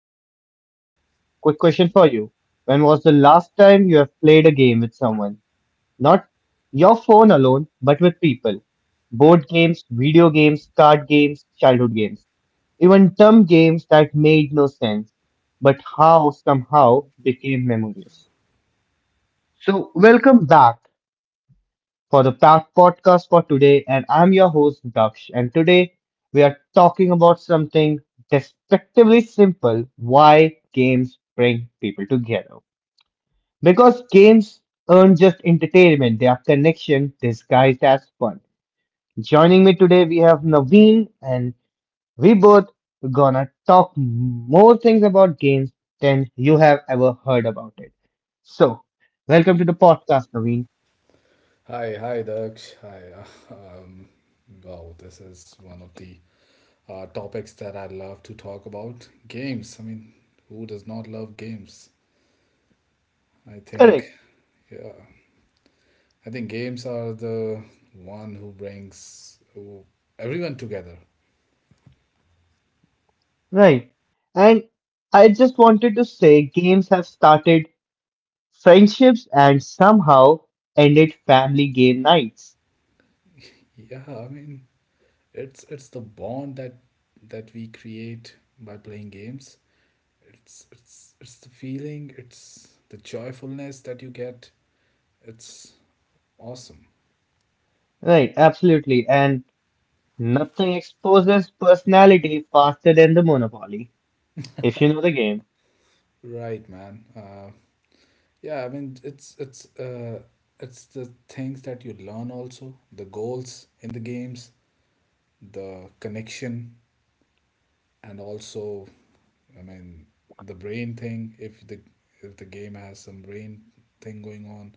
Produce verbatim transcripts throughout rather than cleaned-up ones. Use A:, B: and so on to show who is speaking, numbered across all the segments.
A: All right, quick question for you. When was the last time you have played a game with someone? Not your phone alone, but with people. Board games, video games, card games, childhood games. Even dumb games that made no sense, but how somehow became memories. So, welcome back for the pa- podcast for today, and I'm your host Daksh. And today we are talking about something despectively simple: why games bring people together. Because games aren't just entertainment, they are connection disguised as fun. Joining me today, we have Naveen, and we both gonna talk more things about games than you have ever heard about it. So, welcome to the podcast, Naveen.
B: Hi, hi, Daksh. Hi. uh, Um, wow, this is one of the uh, topics that I love to talk about. Games. I mean, who does not love games? I think,
A: Correct,
B: yeah, I think games are the one who brings who- everyone together.
A: right. And I just wanted to say games have started friendships and somehow ended family game nights.
B: Yeah, I mean, it's it's the bond that that we create by playing games. It's it's it's the feeling. It's the joyfulness that you get. It's awesome.
A: Right, absolutely. And nothing exposes personality faster than the Monopoly, if you know the game.
B: Right, man. Uh, Yeah, I mean it's it's uh it's the things that you learn also, the goals in the games, the connection, and also, I mean, the brain thing if the if the game has some brain thing going on,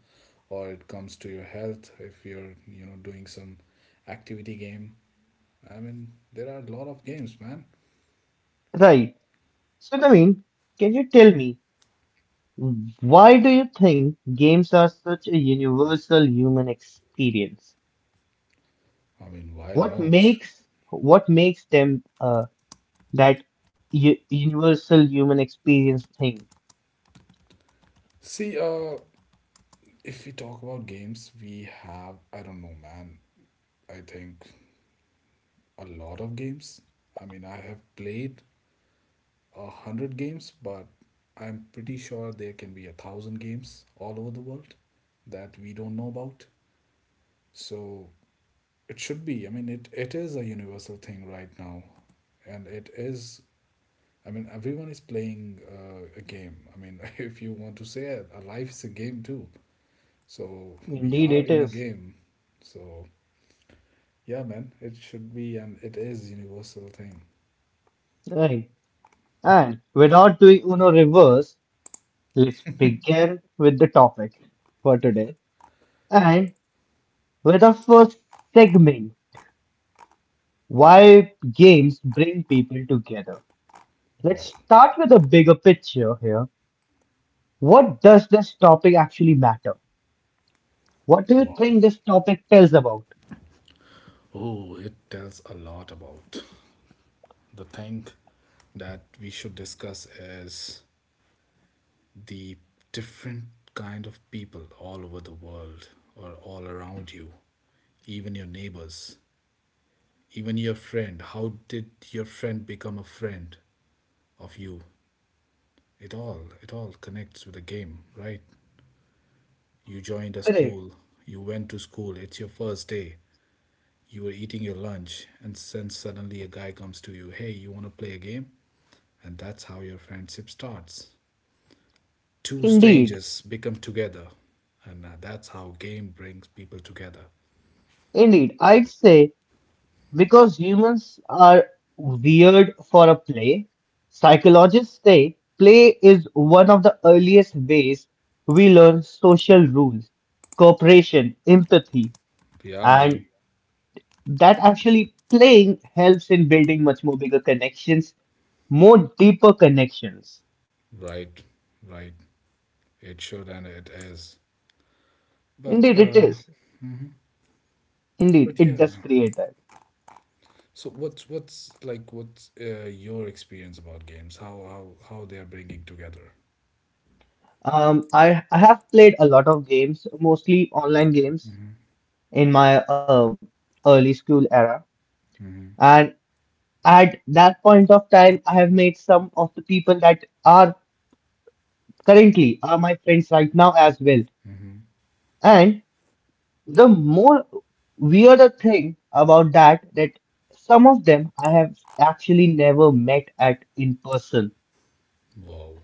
B: or it comes to your health if you're you know doing some activity game. I mean there are a lot of games, man.
A: Right. So, Naveen, can you tell me why do you think games are such a universal human experience?
B: I mean, why
A: What
B: not?
A: makes what makes them uh, that u universal human experience thing?
B: See, uh if we talk about games, we have, I don't know, man. I think a lot of games. I mean, I have played a hundred games, but I'm pretty sure there can be a thousand games all over the world that we don't know about. So it should be. I mean, it, it is a universal thing right now. And it is. I mean, everyone is playing uh, a game. I mean, if you want to say it, a life is a game too. So we
A: Indeed,
B: are
A: it
B: in a
A: is.
B: game. So yeah, man, it should be, and it is universal thing.
A: Right. And without doing Uno reverse, let's begin with the topic for today. And with our first segment why games bring people together. Let's
B: Wow,
A: start with a bigger picture here. What does this topic actually matter? What do you
B: wow.
A: think this topic tells about?
B: Oh, it tells a lot about the thing that we should discuss is the different kind of people all over the world or all around you, even your neighbors, even your friend. How did your friend become a friend of you? It all it all connects with the game, right? You joined a
A: Correct.
B: school, you went to school, it's your first day. You were eating your lunch and then suddenly a guy comes to you, "Hey, you want to play a game?" And that's how your friendship starts. Two
A: Indeed.
B: strangers become together. And uh, that's how game brings people together.
A: Indeed, I'd say because humans are weird for a play, psychologists say play is one of the earliest ways we learn social rules, cooperation, empathy,
B: Yeah,
A: and
B: man.
A: that actually playing helps in building much more bigger connections, more deeper connections.
B: Right. Right. It should, and it is. But
A: Indeed, it
B: uh
A: is. Indeed,
B: but
A: it
B: yeah.
A: does create that.
B: So what's what's like what's uh, your experience about games? How how how they are bringing together?
A: Um, I I have played a lot of games, mostly online games, in my um, early school era,
B: Mhm.
A: and at that point of time, I have made some of the people that are currently are my friends right now as well,
B: Mhm.
A: and the more weirder thing about that that some of them I have actually never met at in person.
B: Wow.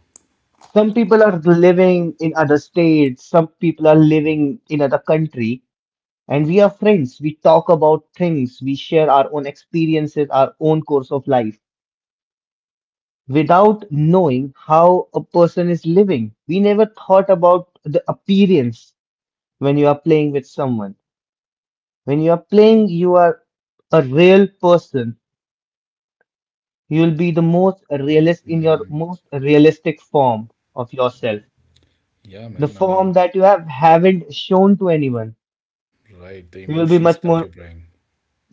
A: Some people are living in other states, some people are living in other country, and we are friends. We talk about things, we share our own experiences, our own course of life. Without knowing how a person is living, we never thought about the appearance when you are playing with someone. When you are playing, you are a real person. You'll be the most realist in your
B: Mhm.
A: most realistic form of yourself,
B: Yeah,
A: the
B: man. I
A: form
B: mean,
A: that you have haven't shown to anyone.
B: right, the
A: You will be
B: emotions
A: much
B: that
A: more
B: you bring.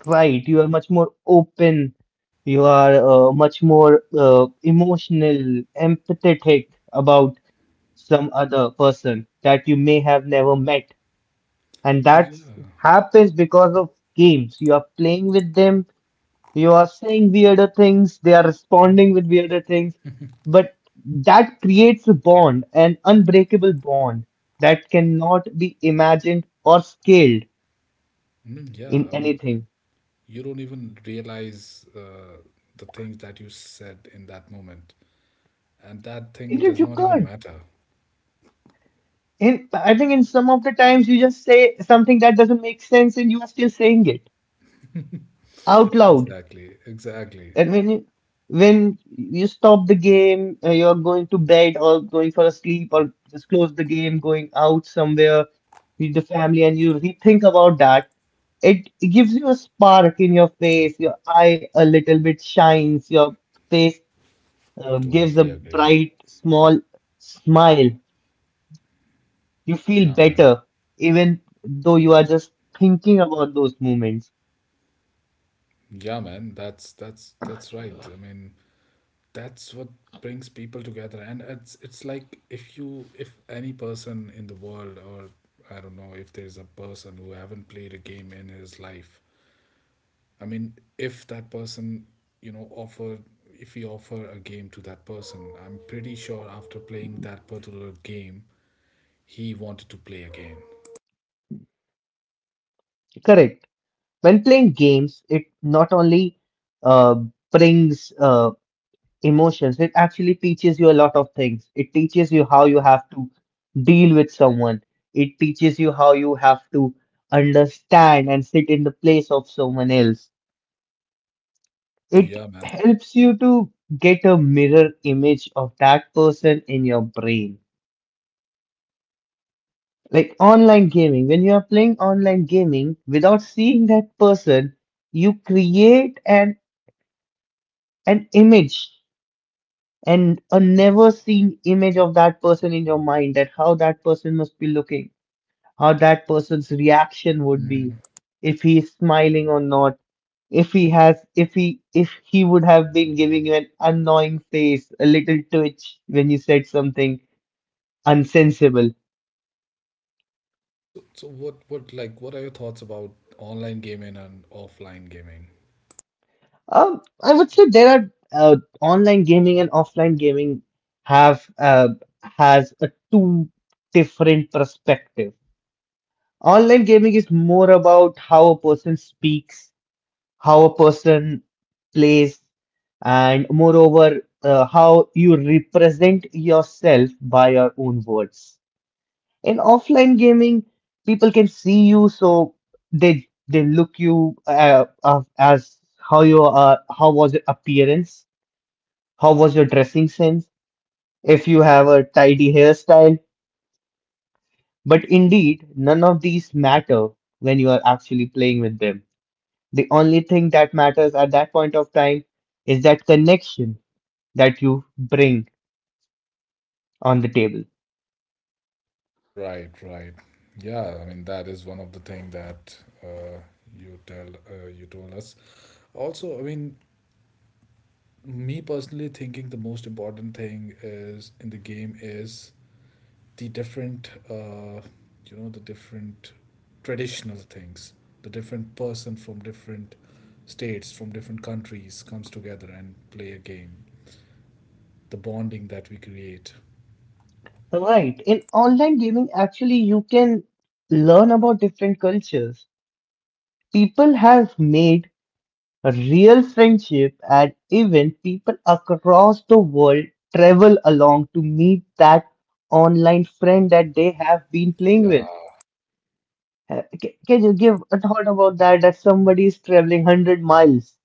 A: right. You are much more open. You are uh, much more uh, emotional, empathetic about some other person that you may have never met, and
B: And
A: that
B: yeah.
A: happens because of games. You are playing with them. You are saying weirder things, they are responding with weirder things, but that creates a bond, an unbreakable bond that cannot be imagined or scaled
B: I mean, yeah,
A: in
B: I mean
A: anything.
B: you don't even realize uh, the things that you said in that moment. And that thing
A: Indeed,
B: does
A: you
B: not even
A: can't.
B: matter.
A: In, I think in some of the times you just say something that doesn't make sense and you are still saying it out loud.
B: Exactly, exactly.
A: And when you, when you stop the game, uh, you're going to bed or going for a sleep or just close the game, going out somewhere with the family, and you rethink about that, it gives you a spark in your face. Your eye a little bit shines. Your face uh, gives a
B: Totally agree.
A: bright, small smile. You feel
B: Yeah, man.
A: better, even though you are just thinking about those moments.
B: Yeah, man. That's that's that's right. I mean, that's what brings people together. And it's it's like if you if any person in the world, or I don't know if there's a person who haven't played a game in his life, I mean, if that person, you know, offer if we offer a game to that person, I'm pretty sure after playing that particular game, he wanted to play again.
A: Correct. When playing games, it not only uh, brings uh, emotions, it actually teaches you a lot of things. It teaches you how you have to deal with someone, it teaches you how you have to understand and sit in the place of someone else. It
B: Yeah, man.
A: helps you to get a mirror image of that person in your brain. Like online gaming, when you are playing online gaming without seeing that person, you create an an image and a never seen image of that person in your mind that how that person must be looking, how that person's reaction would
B: Hmm.
A: be, if he is smiling or not, if he has, if he, if he would have been giving you an annoying face, a little twitch when you said something unsensible.
B: So, so, what, what, like, what are your thoughts about online gaming and offline gaming?
A: Um, I would say there are uh, online gaming and offline gaming have uh, has a two different perspective. Online gaming is more about how a person speaks, how a person plays, and moreover, uh, how you represent yourself by your own words. In offline gaming, people can see you, so they they look you uh, uh, as how you are, how was your appearance, how was your dressing sense, if you have a tidy hairstyle. But indeed, none of these matter when you are actually playing with them. The only thing that matters at that point of time is that connection that you bring on the table.
B: Right, right. Yeah, I mean that is one of the thing that uh, you tell uh, you told us. Also, I mean, me personally thinking the most important thing is in the game is the different uh, you know the different traditional things, the different person from different states from different countries comes together and play a game, the bonding that we create.
A: Right. In online gaming, actually, you can learn about different cultures. People have made a real friendship and even people across the world travel along to meet that online friend that they have been playing
B: Yeah.
A: with. Uh, ca- Can you give a thought about that? That somebody is traveling one hundred miles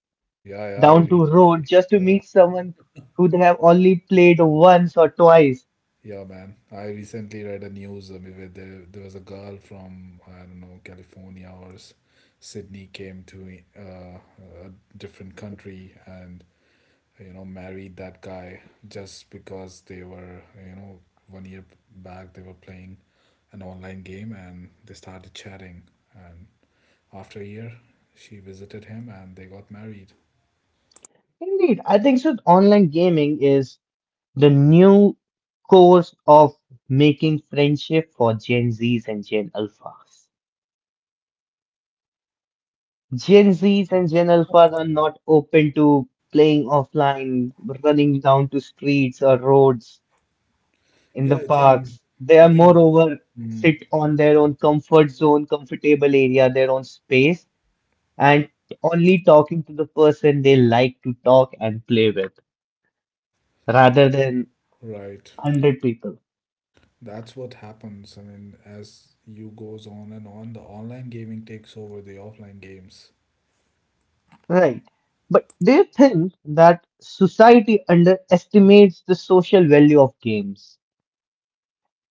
B: Yeah, yeah, I
A: down to road
B: recently
A: just to meet someone who they have only played once or twice.
B: yeah, man, I recently read a news. I mean, where there, there was a girl from, I don't know, California or S- sydney, came to uh, a different country, and, you know married that guy just because they were you know one year back they were playing an online game, and they started chatting, and after a year she visited him and they got married.
A: Indeed, I think so. Online gaming is the new course of making friendship for Gen Zs and Gen Alphas. Gen Zs and Gen Alphas are not open to playing offline, running down to streets or roads in the
B: Yeah, i think
A: parks. They
B: i
A: are
B: think
A: moreover
B: mm,
A: sit on their own comfort zone, comfortable area, their own space and only talking to the person they like to talk and play with rather than
B: right,
A: one hundred people.
B: that's what happens. I mean, as you goes on and on, the online gaming takes over the offline games.
A: Right. But do you think that society underestimates the social value of games?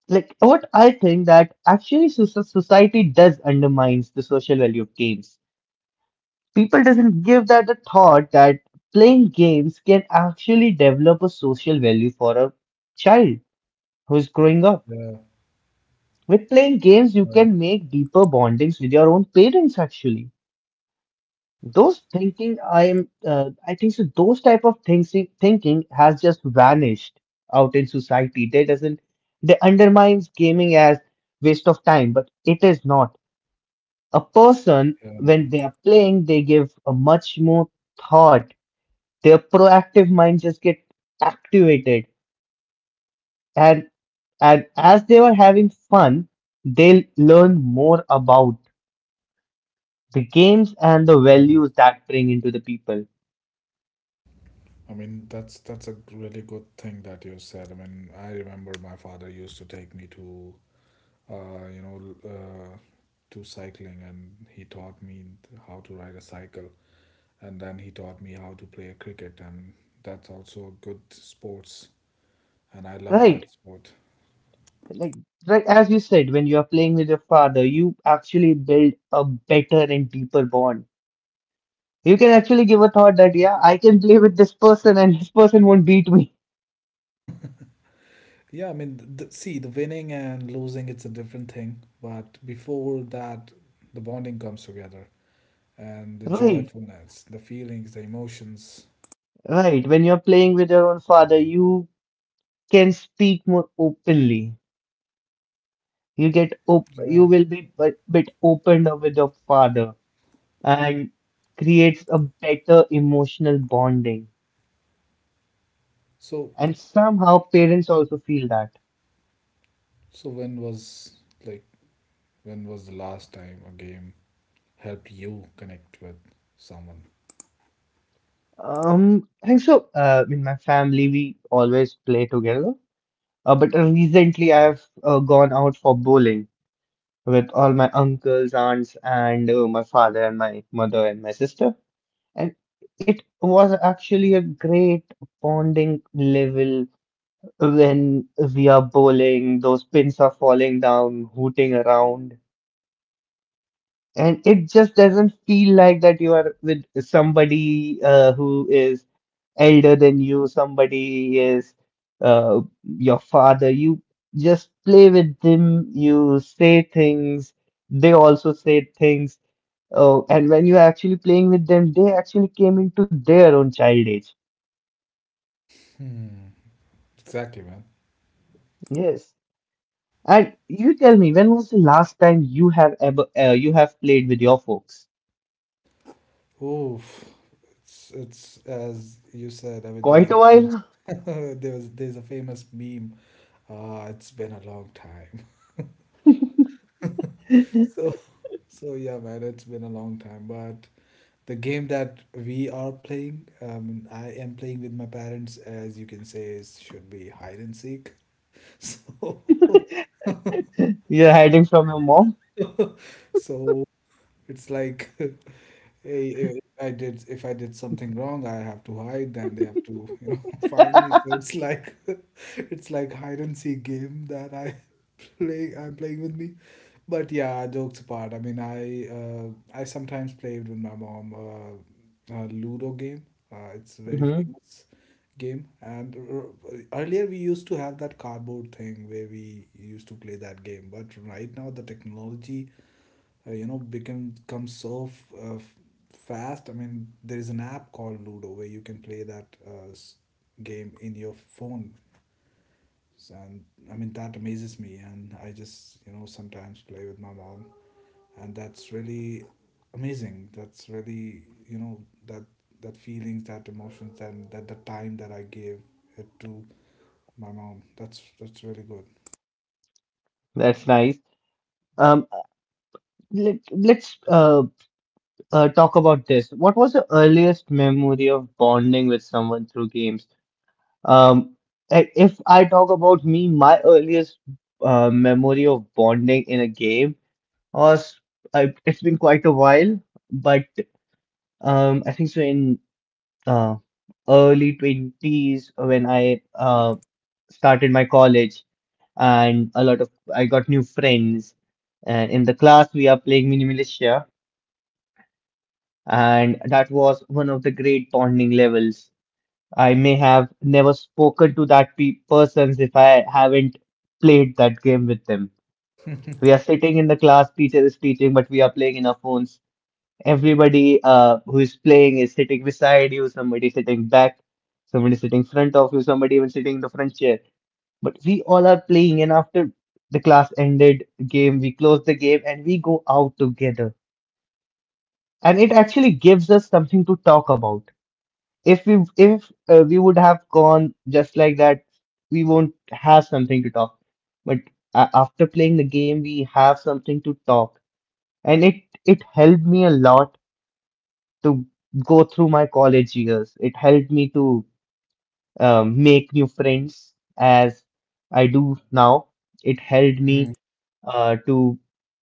A: Like what I think that actually soc- society does undermines the social value of games. People doesn't give that a thought that playing games can actually develop a social value for a child who's growing up.
B: Yeah,
A: With playing games, you can
B: right.
A: make deeper bondings with your own parents. Actually, those thinking I am, uh, I think so. Those type of things thinking has just vanished out in society. They doesn't. They undermines gaming as waste of time, but it is not. A person
B: Yeah, man.
A: when they are playing, they give a much more thought. Their proactive mind just get activated, and and as they were having fun, they'll learn more about the games and the
B: Mm-hmm.
A: values that bring into the people.
B: I mean, that's that's a really good thing that you said. I mean, I remember my father used to take me to, uh, you know, l- uh, to cycling, and he taught me how to ride a cycle, and then he taught me how to play cricket, and that's also a good sports, and I love
A: Right.
B: that sport.
A: Like right as you said when you are playing with your father you actually build a better and deeper bond. You can actually give a thought that yeah I can play with this person and this person won't beat me.
B: Yeah, I mean, th th- see, the winning and losing, it's a different thing, but before that, the bonding comes together and the
A: Right,
B: joyfulness, the feelings, the emotions.
A: right when you're playing with your own father you can speak more openly. You get op You
B: Yeah.
A: will be a bit opened up with your father and creates a better emotional bonding.
B: So
A: And somehow parents also feel that.
B: So when was like when was the last time a game helped you connect with someone?
A: Um, I think so. Uh, in my family, we always play together. Uh, but recently, I've uh, gone out for bowling with all my uncles, aunts, and uh, my father and my mother and my sister. And it was actually a great bonding level when we are bowling. Those pins are falling down, hooting around, and it just doesn't feel like that you are with somebody uh, who is elder than you, somebody is uh, your father. You just play with them, you say things, they also say things. Oh, and when you're actually playing with them, they actually came into their own child age.
B: Hmm. Exactly, man.
A: Yes. And you tell me, when was the last time you have ever uh, you have played with your folks?
B: Oof. It's it's as you said. I mean, there was
A: Quite
B: a
A: a
B: famous
A: while.
B: there was there's a famous meme. Ah, it's been a long time. So so yeah, man. It's been a long time, but the game that we are playing, um, I am playing with my parents, as you can say, is should be hide and seek. So.
A: You're hiding from your mom.
B: そう. It's like eh, if I did if I did something wrong, I have to hide, then they have to, you know, find me. So it's like it's like hide and seek game that I play I'm playing with me. But yeah, jokes apart. I mean, I uh, I sometimes played with my mom, uh, a Ludo game. Uh, it's a very
A: Hmm.
B: famous game. And r- earlier we used to have that cardboard thing where we used to play that game. But right now the technology uh, you know become come so f- uh, f- fast. I mean there is an app called Ludo where you can play that uh, s- game in your phone, and I mean that amazes me, and I just, you know sometimes play with my mom, and that's really amazing, that's really, you know that that feelings, that emotions, and that the time that I gave it to my mom, that's that's really
A: That's nice. Um, let let's uh, uh, talk about this. What was the earliest memory of bonding with someone through games? Um, i- if I talk about me, my earliest uh, memory of bonding in a game was I, it's been quite a while, but um, I think so in uh, early twenties when I uh, started my college and a lot of I got new friends. And in the class, we are playing Mini Militia, and that was one of the great bonding levels. I may have never spoken to that pe persons if I haven't played that game with them.
B: good.
A: We are sitting in the class, teacher is teaching, but we are playing in our phones. Everybody uh, who is playing is sitting beside you, somebody sitting back, somebody sitting front of you, somebody even sitting in the front chair. But we all are playing, and after the class ended game, we close the game and we go out together. And it actually gives us something to talk about. if we if uh, we would have gone just like that, we won't have something to talk. But uh, after playing the game, we have something to talk, and it it helped me a lot to go through my college years. It helped me to um, make new friends as I do now. It helped
B: Mhm.
A: me uh, to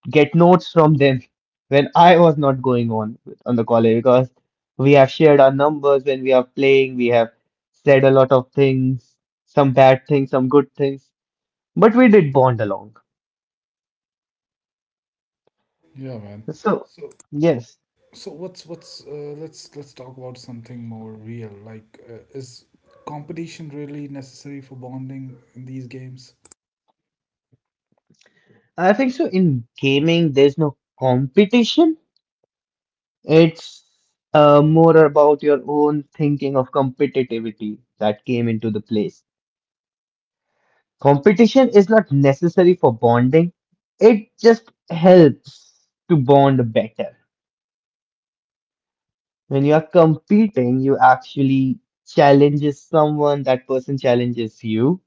A: get notes from them when I was not going on on the college, because we have shared our numbers. When we are playing, we have said a lot of things, some bad things, some good things, but we did bond along.
B: Yeah, man.
A: So,
B: so
A: yes,
B: So what's what's uh, let's let's talk about something more real. Like, uh, is competition really necessary for bonding in these games?
A: I think so. In gaming, there's no competition, it's uh, more about your own thinking of competitivity that came into the place. Competition is not necessary for bonding, it just helps to bond better. When you are competing, you actually challenges someone, that person challenges you.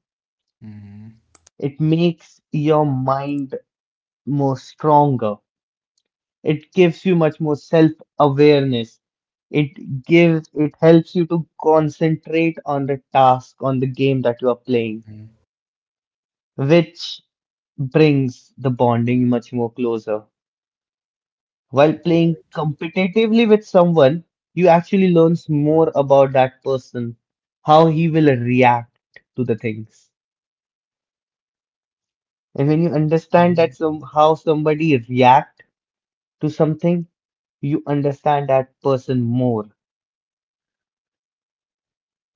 B: Mm-hmm.
A: It makes your mind more stronger. It gives you much more self-awareness. It gives, it helps you to concentrate on the task, on the game that you are playing, which brings the bonding much more closer. While playing
B: Right.
A: competitively with someone, you actually learns more about that person, how he will react to the things. And when you understand
B: Mm-hmm.
A: that some how somebody react to something, you understand that person more.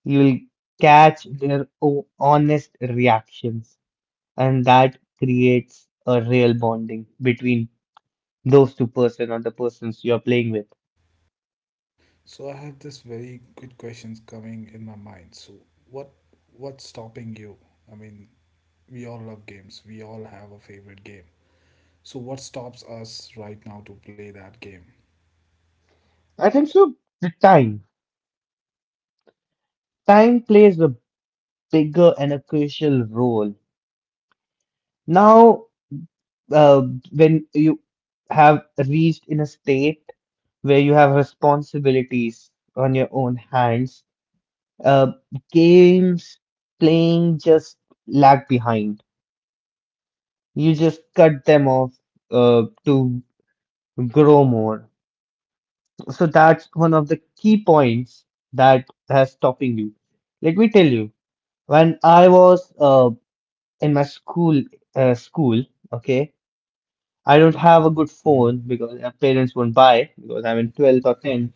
A: You will
B: So
A: catch their o- honest reactions, and that creates a real bonding between those two person or the persons you are playing with.
B: so I have this very good questions coming in my mind. So, what what's stopping you? I mean, we all love games. We all have a favorite game. So what stops us right now to play that game?
A: I think so. The time. Time plays a bigger and a crucial role. Now, uh, when you have reached in a state where you have responsibilities on your own hands, uh, games playing just lag behind. You just cut them off uh, to grow more. So that's one of the key points that has stopping you. Let me tell you, when I was uh, in my school, uh, school, okay. I don't have a good
B: Mm-hmm.
A: phone because my parents won't buy because I'm in twelfth or tenth,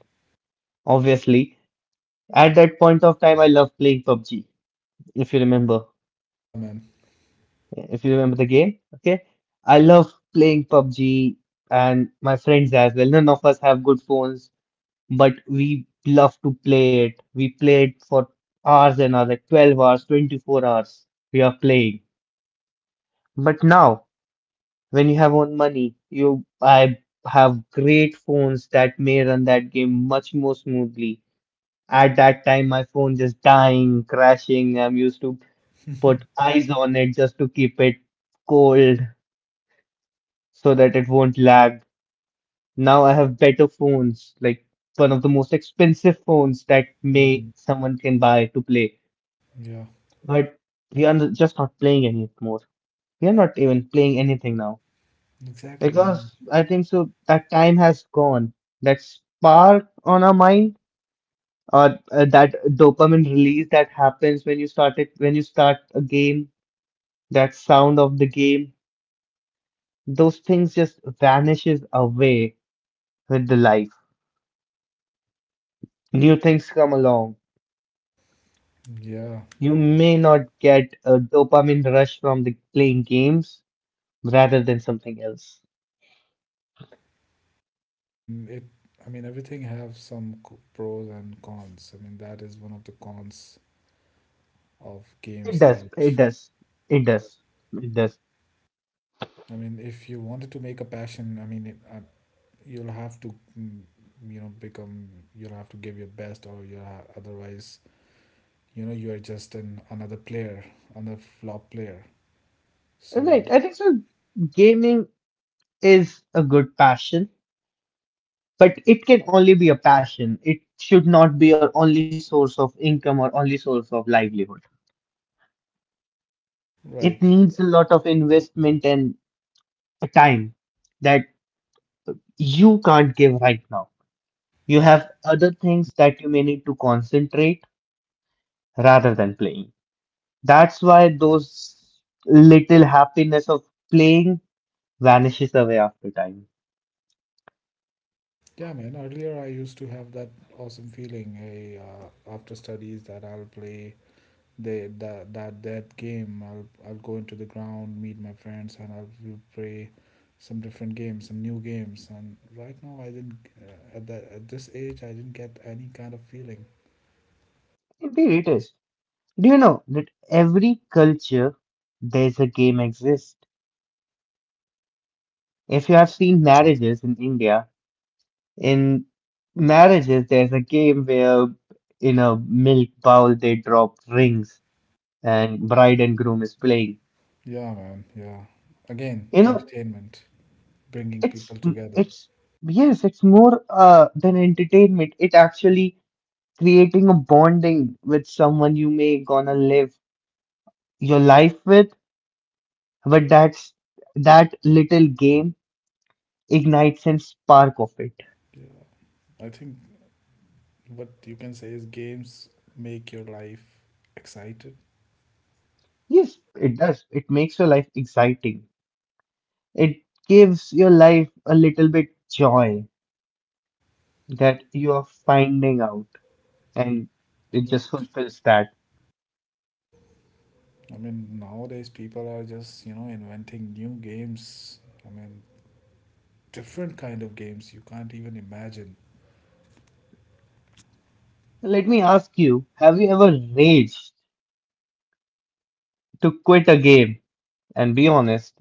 A: obviously. At that point of time, I love playing pub g, if you remember.
B: Yeah, man.
A: If you remember the game, okay? I love playing pub g, and my friends as well. None of us have good phones, but we love to play it. We play it for hours and hours, like twelve hours, twenty-four hours. We are playing. But now, when you have own money, you I have great phones that may run that game much more smoothly. At that time, my phone just dying, crashing. I'm used to put eyes on it just to keep it cold so that it won't lag. Now I have better phones, like one of the most expensive phones that may
B: Mhm.
A: someone can buy to play.
B: Yeah,
A: But we are just not playing anymore. We are not even playing anything now.
B: exactly, man.
A: Because I think so that time has gone. That spark on our mind or uh, that dopamine release that happens when you start it, when you start a game, that sound of the game, those things just vanishes away with the life. New things come along.
B: Yeah,
A: You may not get a dopamine rush from the playing games rather than something else.
B: I mean it. I mean everything have some co- pros and cons. I mean that is one of the cons of
A: It
B: games.
A: does.
B: That
A: It does. It does. It does.
B: I mean if you wanted to make a passion, I mean it, uh, you'll have to mm, you know become you'll have to give your best, or you are otherwise you know you are just an another player, another flop player. So,
A: Right. I think so gaming is a good passion. But it can only be a passion. It should not be your only source of income or only source of livelihood. It
B: right,
A: needs a lot of investment and time that you can't give right now. You have other things that you may need to concentrate rather than playing. That's why those little happiness of playing vanishes away after time.
B: yeah, man. Earlier I used to have that awesome feeling, hey, uh, after studies that I'll play they that that that game. I'll I'll go into the ground, meet my friends, and I'll we'll play some different games, some new games. And right now I didn't, uh, at that at this age I didn't get any kind of feeling.
A: Indeed, it is. Do you know that every culture there's a game exists? If you have seen marriages in India, in marriages, there's a game where in a milk bowl they drop rings and bride and groom is playing.
B: Yeah, man. Yeah. Again,
A: You know,
B: entertainment, bringing people
A: it's
B: together.
A: it's yes, it's more uh than entertainment. It actually creating a bonding with someone you may gonna live your life with, but that's that little game ignites and spark of it.
B: Yeah, I think what you can say is games make your life excited.
A: Yes, it does. It makes your life exciting. It gives your life a little bit joy that you are finding out, and it just
B: Right.
A: fulfills that.
B: I mean nowadays people are just you know inventing new games. I mean different kind of games you can't even imagine.
A: Let me ask you, have you ever raged to quit a game? And be honest,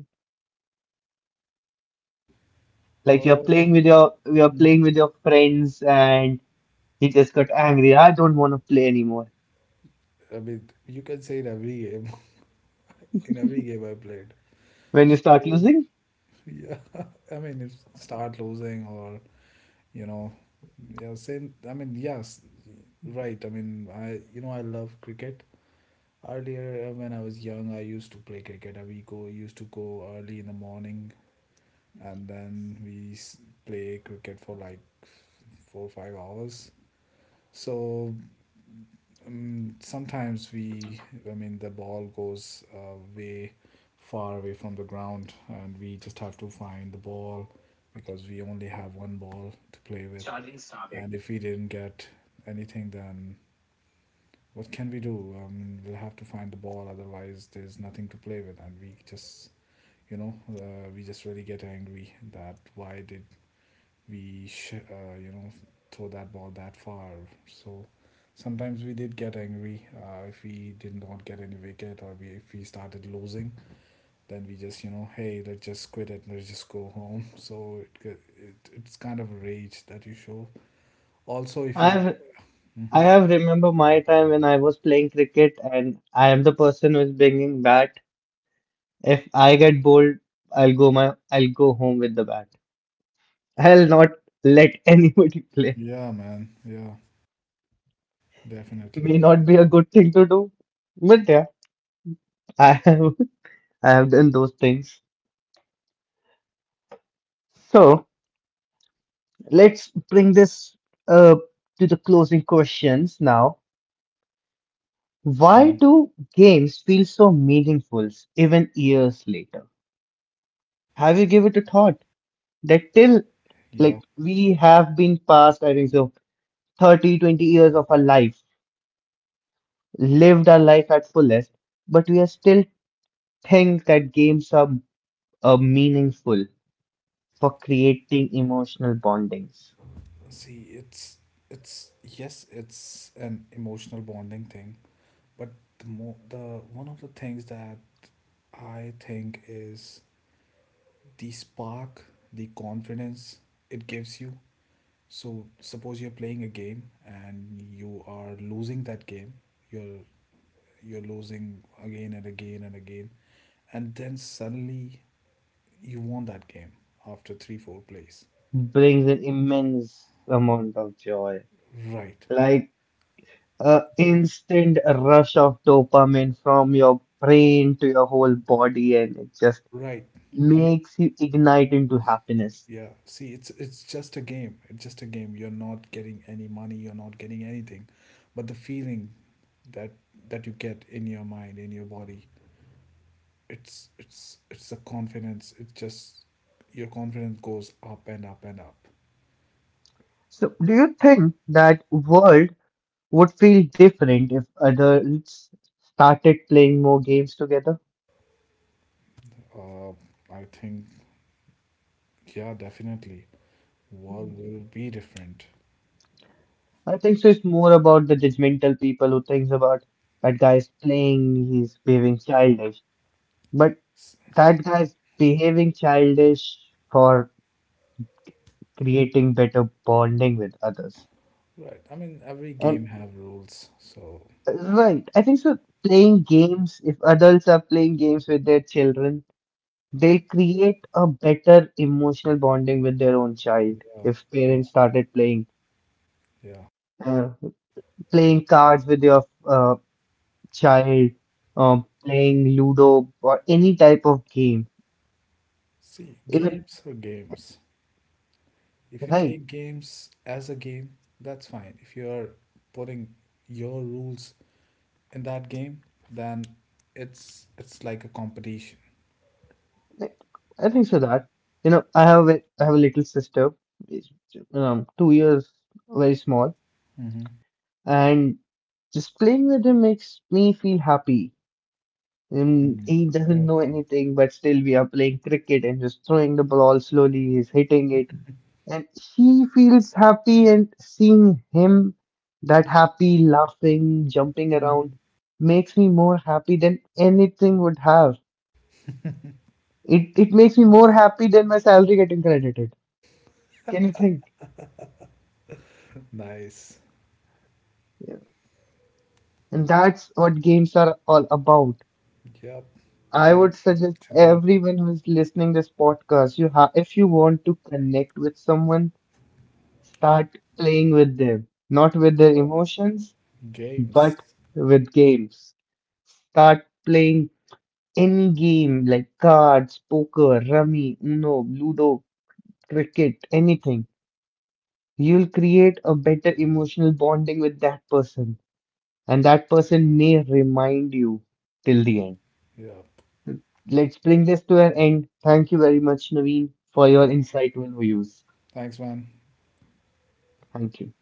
A: like you're
B: Oh.
A: playing with your you're playing
B: Mhm.
A: with your friends and you just got angry. I don't want to play anymore.
B: I mean, you can say in every game, in every game I played.
A: When you start
B: So,
A: losing,
B: yeah, I mean, if start losing, or, you know, yeah, same. I mean, yes, right. I mean, I you know I love cricket. Earlier, uh, when I was young, I used to play cricket. Uh, We go used to go early in the morning, and then we s- play cricket for like four or five hours. So Um, sometimes we, I mean, the ball goes uh, way far away from the ground, and we just have to find the ball because we only have one ball to play with. And if we didn't get anything, then what can we do? I mean, we'll have to find the ball, otherwise, there's nothing to play with, and we just, you know, uh, we just really get angry that why did we sh- uh, you know throw that ball that far. So sometimes we did get angry, uh, if we did not get any wicket, or we, if we started losing. Then we just, you know hey, let's just quit it, let's just go home. So, it, it it's kind of a rage that you show. Also if you.
A: I've I
B: Mhm.
A: have remember my time when I was playing cricket and I am the person who is bringing bat. If I get bowled, I'll go my I'll go home with the bat. I'll not let anybody play.
B: Yeah, man. Yeah, definitely.
A: May not be a good thing to do, but yeah, I have I have done those things. So let's bring this uh, to the closing questions now. Why
B: Hmm.
A: do games feel so meaningful even years later? Have you given it a thought that till like
B: Yeah.
A: we have been past, I think so, thirty twenty years of our life, lived our life at fullest, but we are still think that games are, are meaningful for creating emotional bondings
B: See, it's it's yes, it's an emotional bonding thing, but the mo the one of the things that I think is the spark, the confidence it gives you. So suppose you're playing a game and you are losing that game. You're you're losing again and again and again, and then suddenly you won that game after 3 4 plays.
A: brings an immense amount of joy
B: Right.
A: like a
B: You're
A: instant rush of dopamine from your brain to your whole body, and it just
B: right. I mean,
A: makes you ignite into happiness.
B: yeah, see it's it's just a game. It's just a game. You're not getting any money, you're not getting anything. But the feeling that that you get in your mind, in your body, it's it's it's the confidence. It just, your confidence goes up and up and up.
A: So do you think that world would feel different if adults started playing more games together?
B: uh, I think, yeah, definitely world will be different.
A: I think so it's more about the judgmental people who thinks about that guy is playing, he's behaving childish, but
B: S-
A: that guy's behaving childish for creating better bonding with others.
B: right. I mean every
A: And
B: game have rules, so.
A: uh, right, I think so. Playing games, if adults are playing games with their children, they'll create a better emotional bonding with their own child.
B: Yeah,
A: If
B: yeah,
A: parents started playing
B: yeah,
A: uh, playing cards with your uh, child, um, playing Ludo or any type of game,
B: see
A: even
B: games are games. If you
A: right.
B: take games as a game, that's fine. If you are putting your rules in that game, then it's it's like a competition.
A: Like, I think so that you know I have a, I have a little sister, is, um, two years very small,
B: Mm-hmm.
A: and just playing with him makes me feel happy. Um,
B: Mm-hmm.
A: he doesn't
B: Yeah.
A: know anything, but still we are playing cricket and just throwing the ball slowly. He's hitting it, and she feels happy. And seeing him that happy, laughing, jumping around,
B: Mm-hmm.
A: makes me more happy than anything would have. It it makes me more happy than my salary getting credited. Can you think?
B: Nice.
A: Yeah. And that's what games are all about.
B: Yep.
A: I would
B: Bringing people
A: suggest
B: together.
A: everyone who is listening this podcast, you have if you want to connect with someone, start playing with them, not with their emotions, but
B: Games.
A: with games. Start playing any game like cards, poker, rummy, Uno, Ludo, cricket, anything. You'll create a better emotional bonding with that person, and that person may remind you till the end.
B: Yep.
A: Let's bring this to an end. Thank you very much, Naveen, for your insightful views.
B: Thanks, man.
A: Thank you.